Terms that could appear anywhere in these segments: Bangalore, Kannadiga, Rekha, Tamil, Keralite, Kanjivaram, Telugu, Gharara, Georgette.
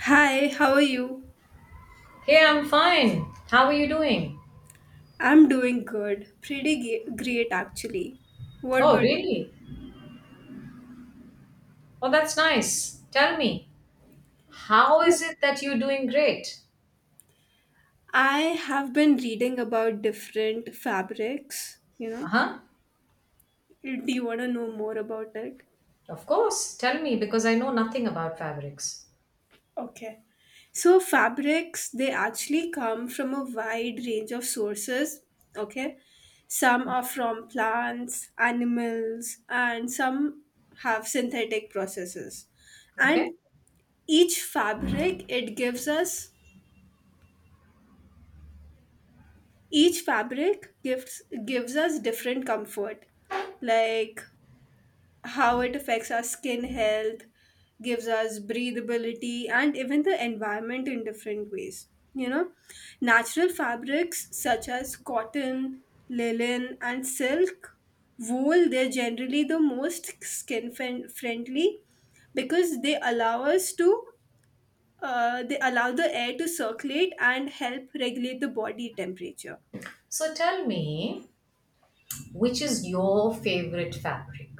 Hi, how are you? Hey, I'm fine. How are you doing? I'm doing good. Pretty great, actually. What Oh, about you? really? Oh, that's nice. Tell me, how is it that you're doing great? I have been reading about different fabrics, Uh huh. Do you want to know more about it? Of course. Tell me because I know nothing about fabrics. Okay. So, fabrics, they actually come from a wide range of sources, okay? Some are from plants, animals, and some have synthetic processes. And Okay. each fabric, it gives us Each fabric gives us different comfort, like how it affects our skin health, gives us breathability and even the environment in different ways. Natural fabrics such as cotton, linen, and silk, wool, they're generally the most skin friendly because they allow the air to circulate and help regulate the body temperature. So tell me, which is your favorite fabric?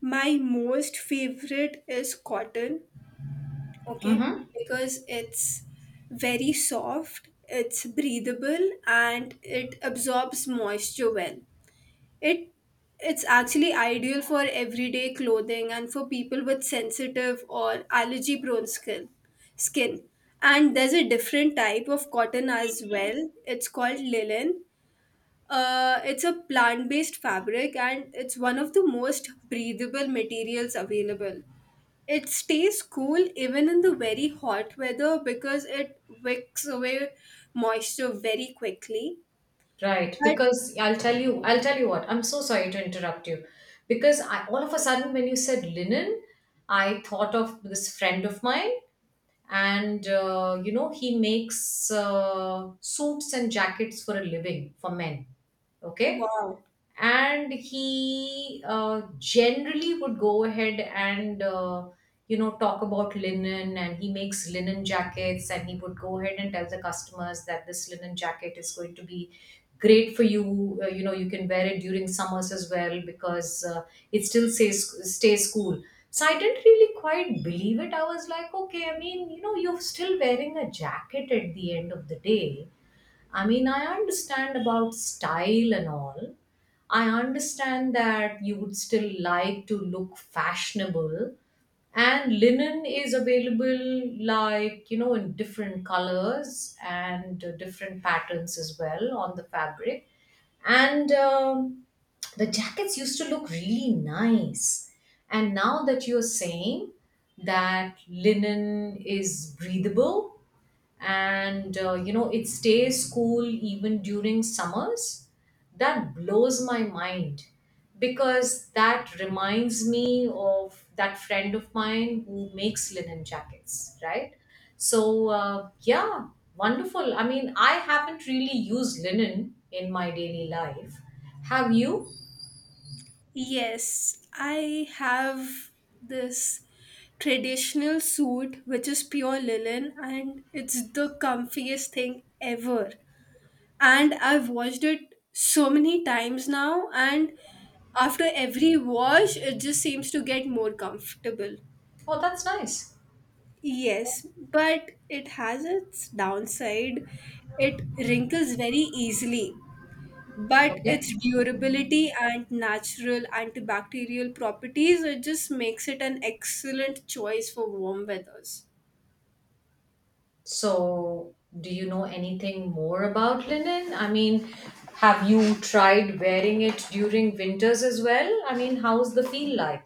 My most favorite is cotton. Okay. Mm-hmm. Because it's very soft, it's breathable, and it absorbs moisture well. It it's actually ideal for everyday clothing and for people with sensitive or allergy prone skin. Skin. And there's a different type of cotton as well. It's called linen. It's a plant based fabric and it's one of the most breathable materials available. It stays cool even in the very hot weather because it wicks away moisture very quickly. Right, But because I'll tell you what. I'm so sorry to interrupt you, because I all of a sudden when you said linen, I thought of this friend of mine and you know he makes suits and jackets for a living for men, okay, wow, and he generally would go ahead and you know talk about linen, and he makes linen jackets, and he would go ahead and tell the customers that this linen jacket is going to be great for you. You know, you can wear it during summers as well because it still stays cool. So I didn't really quite believe it. I was like, okay, I mean, you know, you're still wearing a jacket at the end of the day. I mean, I understand about style and all. I understand that you would still like to look fashionable. And linen is available, like, you know, in different colors and different patterns as well on the fabric. And the jackets used to look really nice. And now that you're saying that linen is breathable, and you know it stays cool even during summers, that blows my mind, because that reminds me of that friend of mine who makes linen jackets, right? So yeah, wonderful. I mean, I haven't really used linen in my daily life. Have you? yes, I have this traditional suit which is pure linen and it's the comfiest thing ever. And I've washed it so many times now, and after every wash, it just seems to get more comfortable. Oh, that's nice. Yes, but it has its downside. It wrinkles very easily, but Okay. its durability and natural antibacterial properties, it just makes it an excellent choice for warm weathers. So, do you know anything more about linen? I mean, have you tried wearing it during winters as well? I mean, how's the feel like?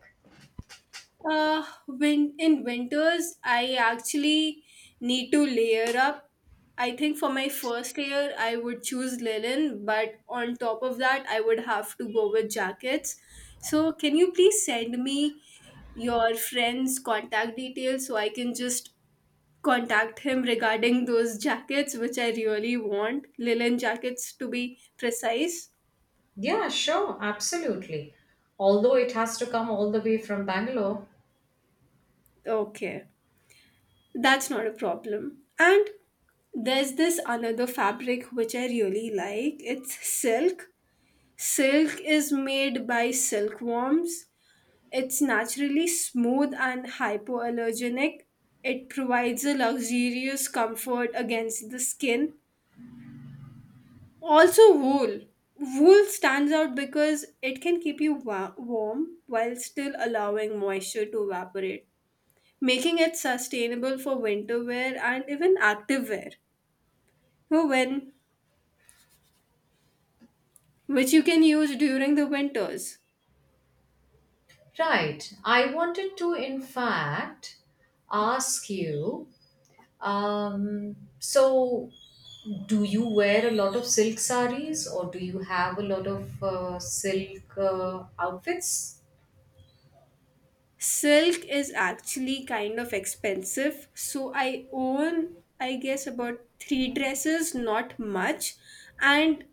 When in winters, I actually need to layer up. I think for my first layer, I would choose linen, but on top of that, I would have to go with jackets. So, can you please send me your friend's contact details so I can just contact him regarding those jackets, which I really want? Linen jackets to be precise. Yeah, sure, absolutely. Although it has to come all the way from Bangalore. Okay. That's not a problem. And there's this another fabric which I really like. It's silk. Silk is made by silkworms. It's naturally smooth and hypoallergenic. It provides a luxurious comfort against the skin. Also, wool. Wool stands out because it can keep you warm while still allowing moisture to evaporate, making it sustainable for winter wear and even active wear. Woven, which you can use during the winters. Right. I wanted to, in fact, ask you, so, do you wear a lot of silk saris or do you have a lot of silk outfits? Silk is actually kind of expensive, so I own, I guess, about three dresses, not much. And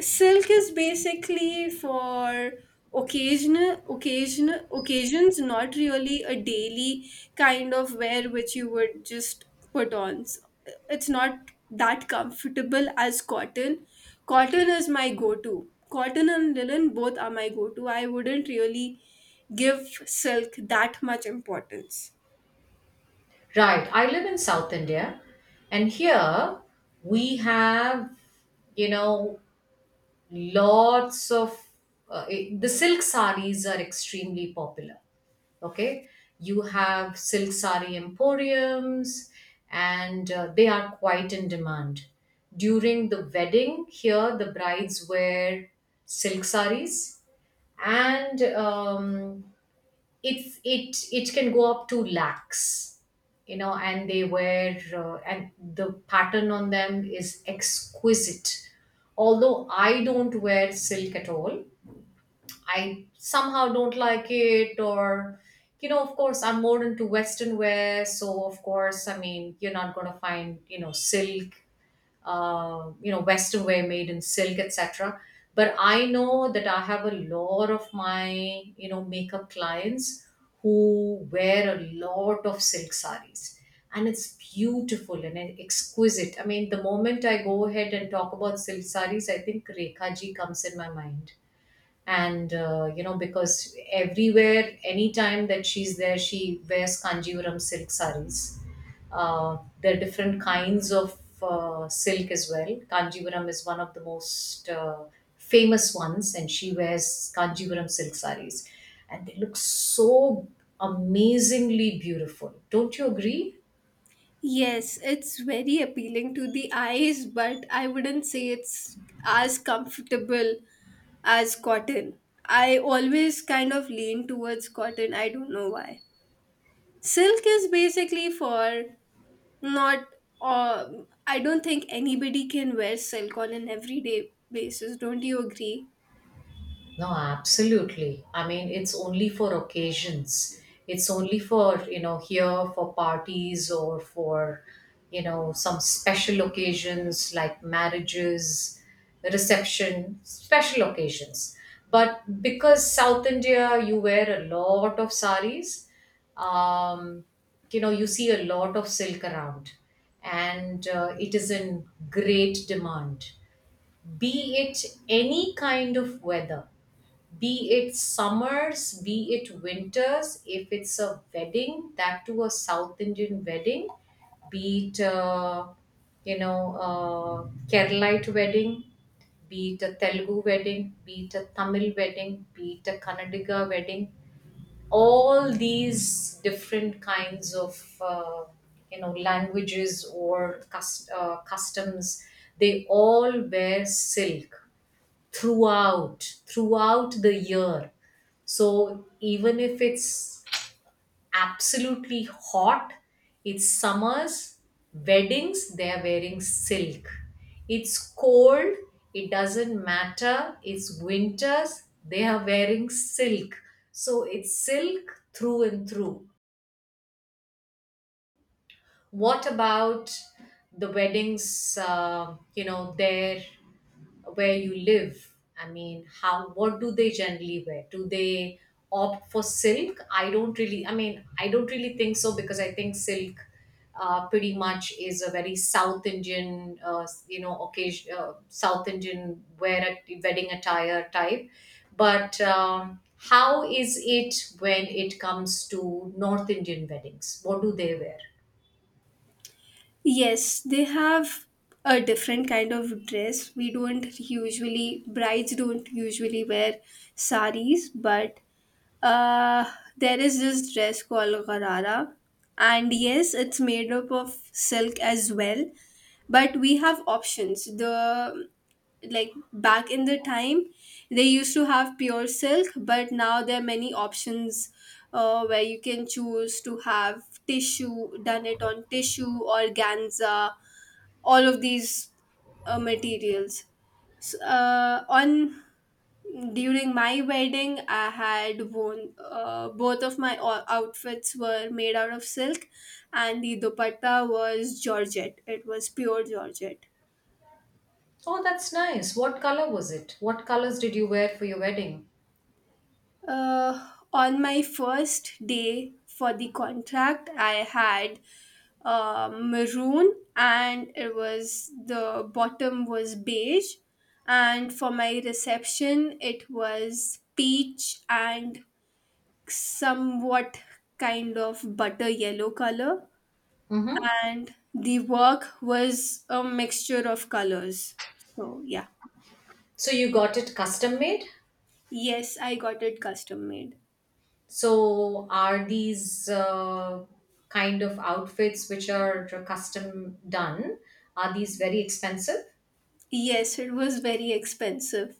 silk is basically for occasional occasions, not really a daily kind of wear which you would just put on. So, it's not that comfortable as cotton. Cotton is my go-to. Cotton and linen both are my go-to. I wouldn't really give silk that much importance. Right. I live in South India, and here we have, you know, lots of the silk sarees are extremely popular. Okay. You have silk saree emporiums, and they are quite in demand. During the wedding, here the brides wear silk sarees, and it's it can go up to lakhs, you know, and they wear and the pattern on them is exquisite. Although I don't wear silk at all, I somehow don't like it. Or, you know, of course I'm more into western wear, so of course, I mean, you're not going to find, you know, silk, you know, western wear made in silk, etc. But I know that I have a lot of my, you know, makeup clients who wear a lot of silk saris, and it's beautiful and exquisite. I mean, the moment I go ahead and talk about silk saris, I think Rekha ji comes in my mind. And you know, because everywhere, anytime that she's there, she wears Kanjivaram silk saris. There are different kinds of silk as well. Kanjivaram is one of the most famous ones, and she wears Kanjivaram silk saris, and they look so amazingly beautiful. Don't you agree? Yes, it's very appealing to the eyes, but I wouldn't say it's as comfortable as cotton. I always kind of lean towards cotton. I don't know why. Silk is basically for not. I don't think anybody can wear silk on an everyday basis. Don't you agree? No, absolutely. I mean, it's only for occasions. It's only for, you know, here for parties or for, you know, some special occasions like marriages, reception, special occasions. But because South India, you wear a lot of saris, um, you know, you see a lot of silk around, and it is in great demand, be it any kind of weather, be it summers, be it winters. If it's a wedding, that to a South Indian wedding, be it, you know, Keralite wedding, be it a Telugu wedding, be it a Tamil wedding, be it a Kannadiga wedding, all these different kinds of, you know, languages or customs, they all wear silk throughout, throughout the year. So even if it's absolutely hot, it's summers, weddings, they're wearing silk. It's cold, it doesn't matter, it's winters, they are wearing silk. So it's silk through and through. What about the weddings, you know, there where you live? I mean, how, what do they generally wear? Do they opt for silk? I don't really, I mean, I don't really think so because I think silk pretty much is a very South Indian, you know, occasion, South Indian wear at wedding attire type. But how is it when it comes to North Indian weddings? What do they wear? Yes, they have a different kind of dress. We don't usually, brides don't usually wear saris, but Uh, there is this dress called Gharara, and yes, it's made up of silk as well. But we have options. The Like back in the time, they used to have pure silk, but now there are many options where you can choose to have tissue, done it on tissue, organza, all of these materials. So, on during my wedding, I had worn, both of my outfits were made out of silk, and the dupatta was Georgette. It was pure Georgette. Oh, that's nice. What color was it? What colors did you wear for your wedding? On my first day for the contract, I had maroon, and it was, the bottom was beige, and for my reception, it was peach and somewhat kind of butter yellow color, Mm-hmm. and the work was a mixture of colors, so yeah. So you got it custom made? Yes, I got it custom made. So are these kind of outfits which are custom done, are these very expensive? Yes, it was very expensive.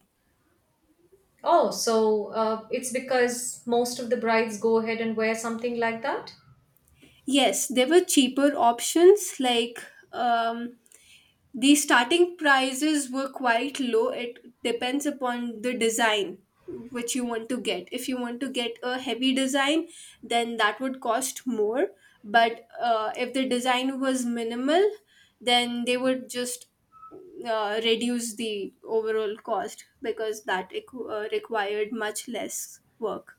Oh, so it's because most of the brides go ahead and wear something like that? Yes, there were cheaper options like um the starting prices were quite low. It depends upon the design which you want to get. If you want to get a heavy design, then that would cost more. But if the design was minimal, then they would just reduce the overall cost because that required much less work.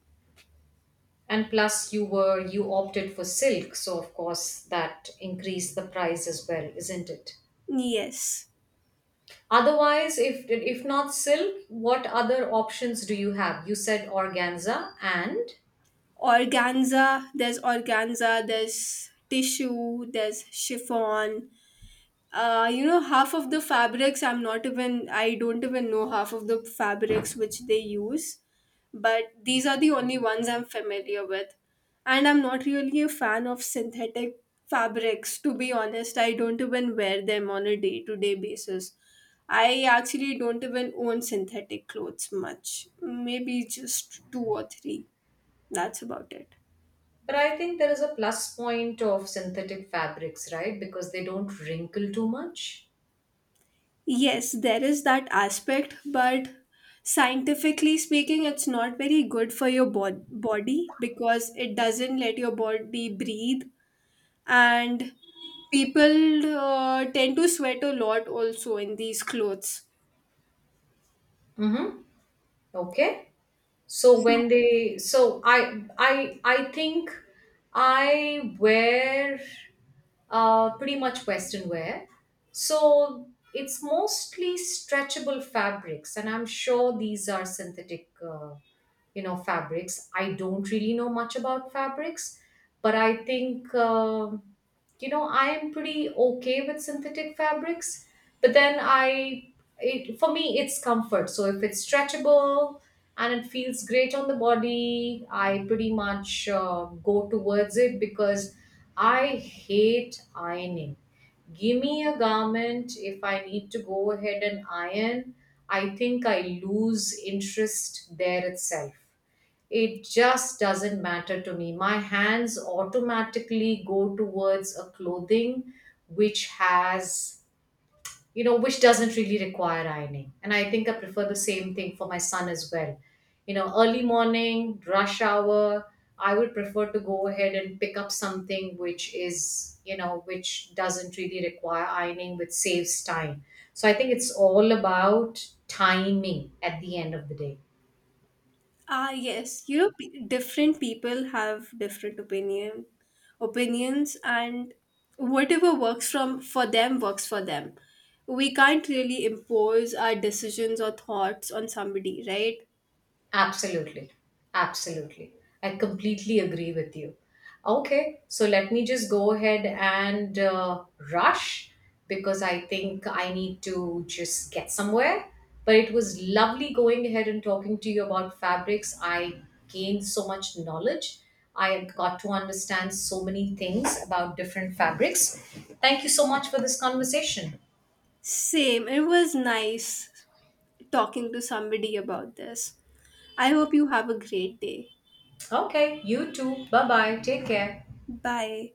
And plus you opted for silk, so of course that increased the price as well, isn't it? Yes. Otherwise, if not silk, what other options do you have? You said organza and, Organza, there's tissue, there's chiffon, you know, half of the fabrics, I'm not even, I don't even know half of the fabrics which they use, but these are the only ones I'm familiar with. And I'm not really a fan of synthetic fabrics, to be honest. I don't even wear them on a day to day basis. I actually don't even own synthetic clothes much, maybe just two or three, that's about it. but I think there is a plus point of synthetic fabrics, right? Because they don't wrinkle too much. Yes, there is that aspect, but scientifically speaking, it's not very good for your body because it doesn't let your body breathe. And people tend to sweat a lot also in these clothes. Mm-hmm. Okay. So So, when they, so I think I wear pretty much western wear, so it's mostly stretchable fabrics, and I'm sure these are synthetic you know fabrics. I don't really know much about fabrics, but I think you know, I am pretty okay with synthetic fabrics. But then I, it, for me it's comfort. So if it's stretchable and it feels great on the body, I pretty much go towards it because I hate ironing. Give me a garment if I need to go ahead and iron, I think I lose interest there itself. It just doesn't matter to me. My hands automatically go towards a clothing which has, you know, which doesn't really require ironing. And I think I prefer the same thing for my son as well. You know, early morning, rush hour, I would prefer to go ahead and pick up something which is, you know, which doesn't really require ironing, which saves time. So I think it's all about timing at the end of the day. ah, yes, you know, different people have different opinions, and whatever works from for them works for them. We can't really impose our decisions or thoughts on somebody, right? Absolutely. Absolutely. I completely agree with you. Okay, so let me just go ahead and rush because I think I need to just get somewhere. But it was lovely going ahead and talking to you about fabrics. I gained so much knowledge. I got to understand so many things about different fabrics. Thank you so much for this conversation. Same. It was nice talking to somebody about this. I hope you have a great day. Okay, you too. Bye bye. Take care. Bye.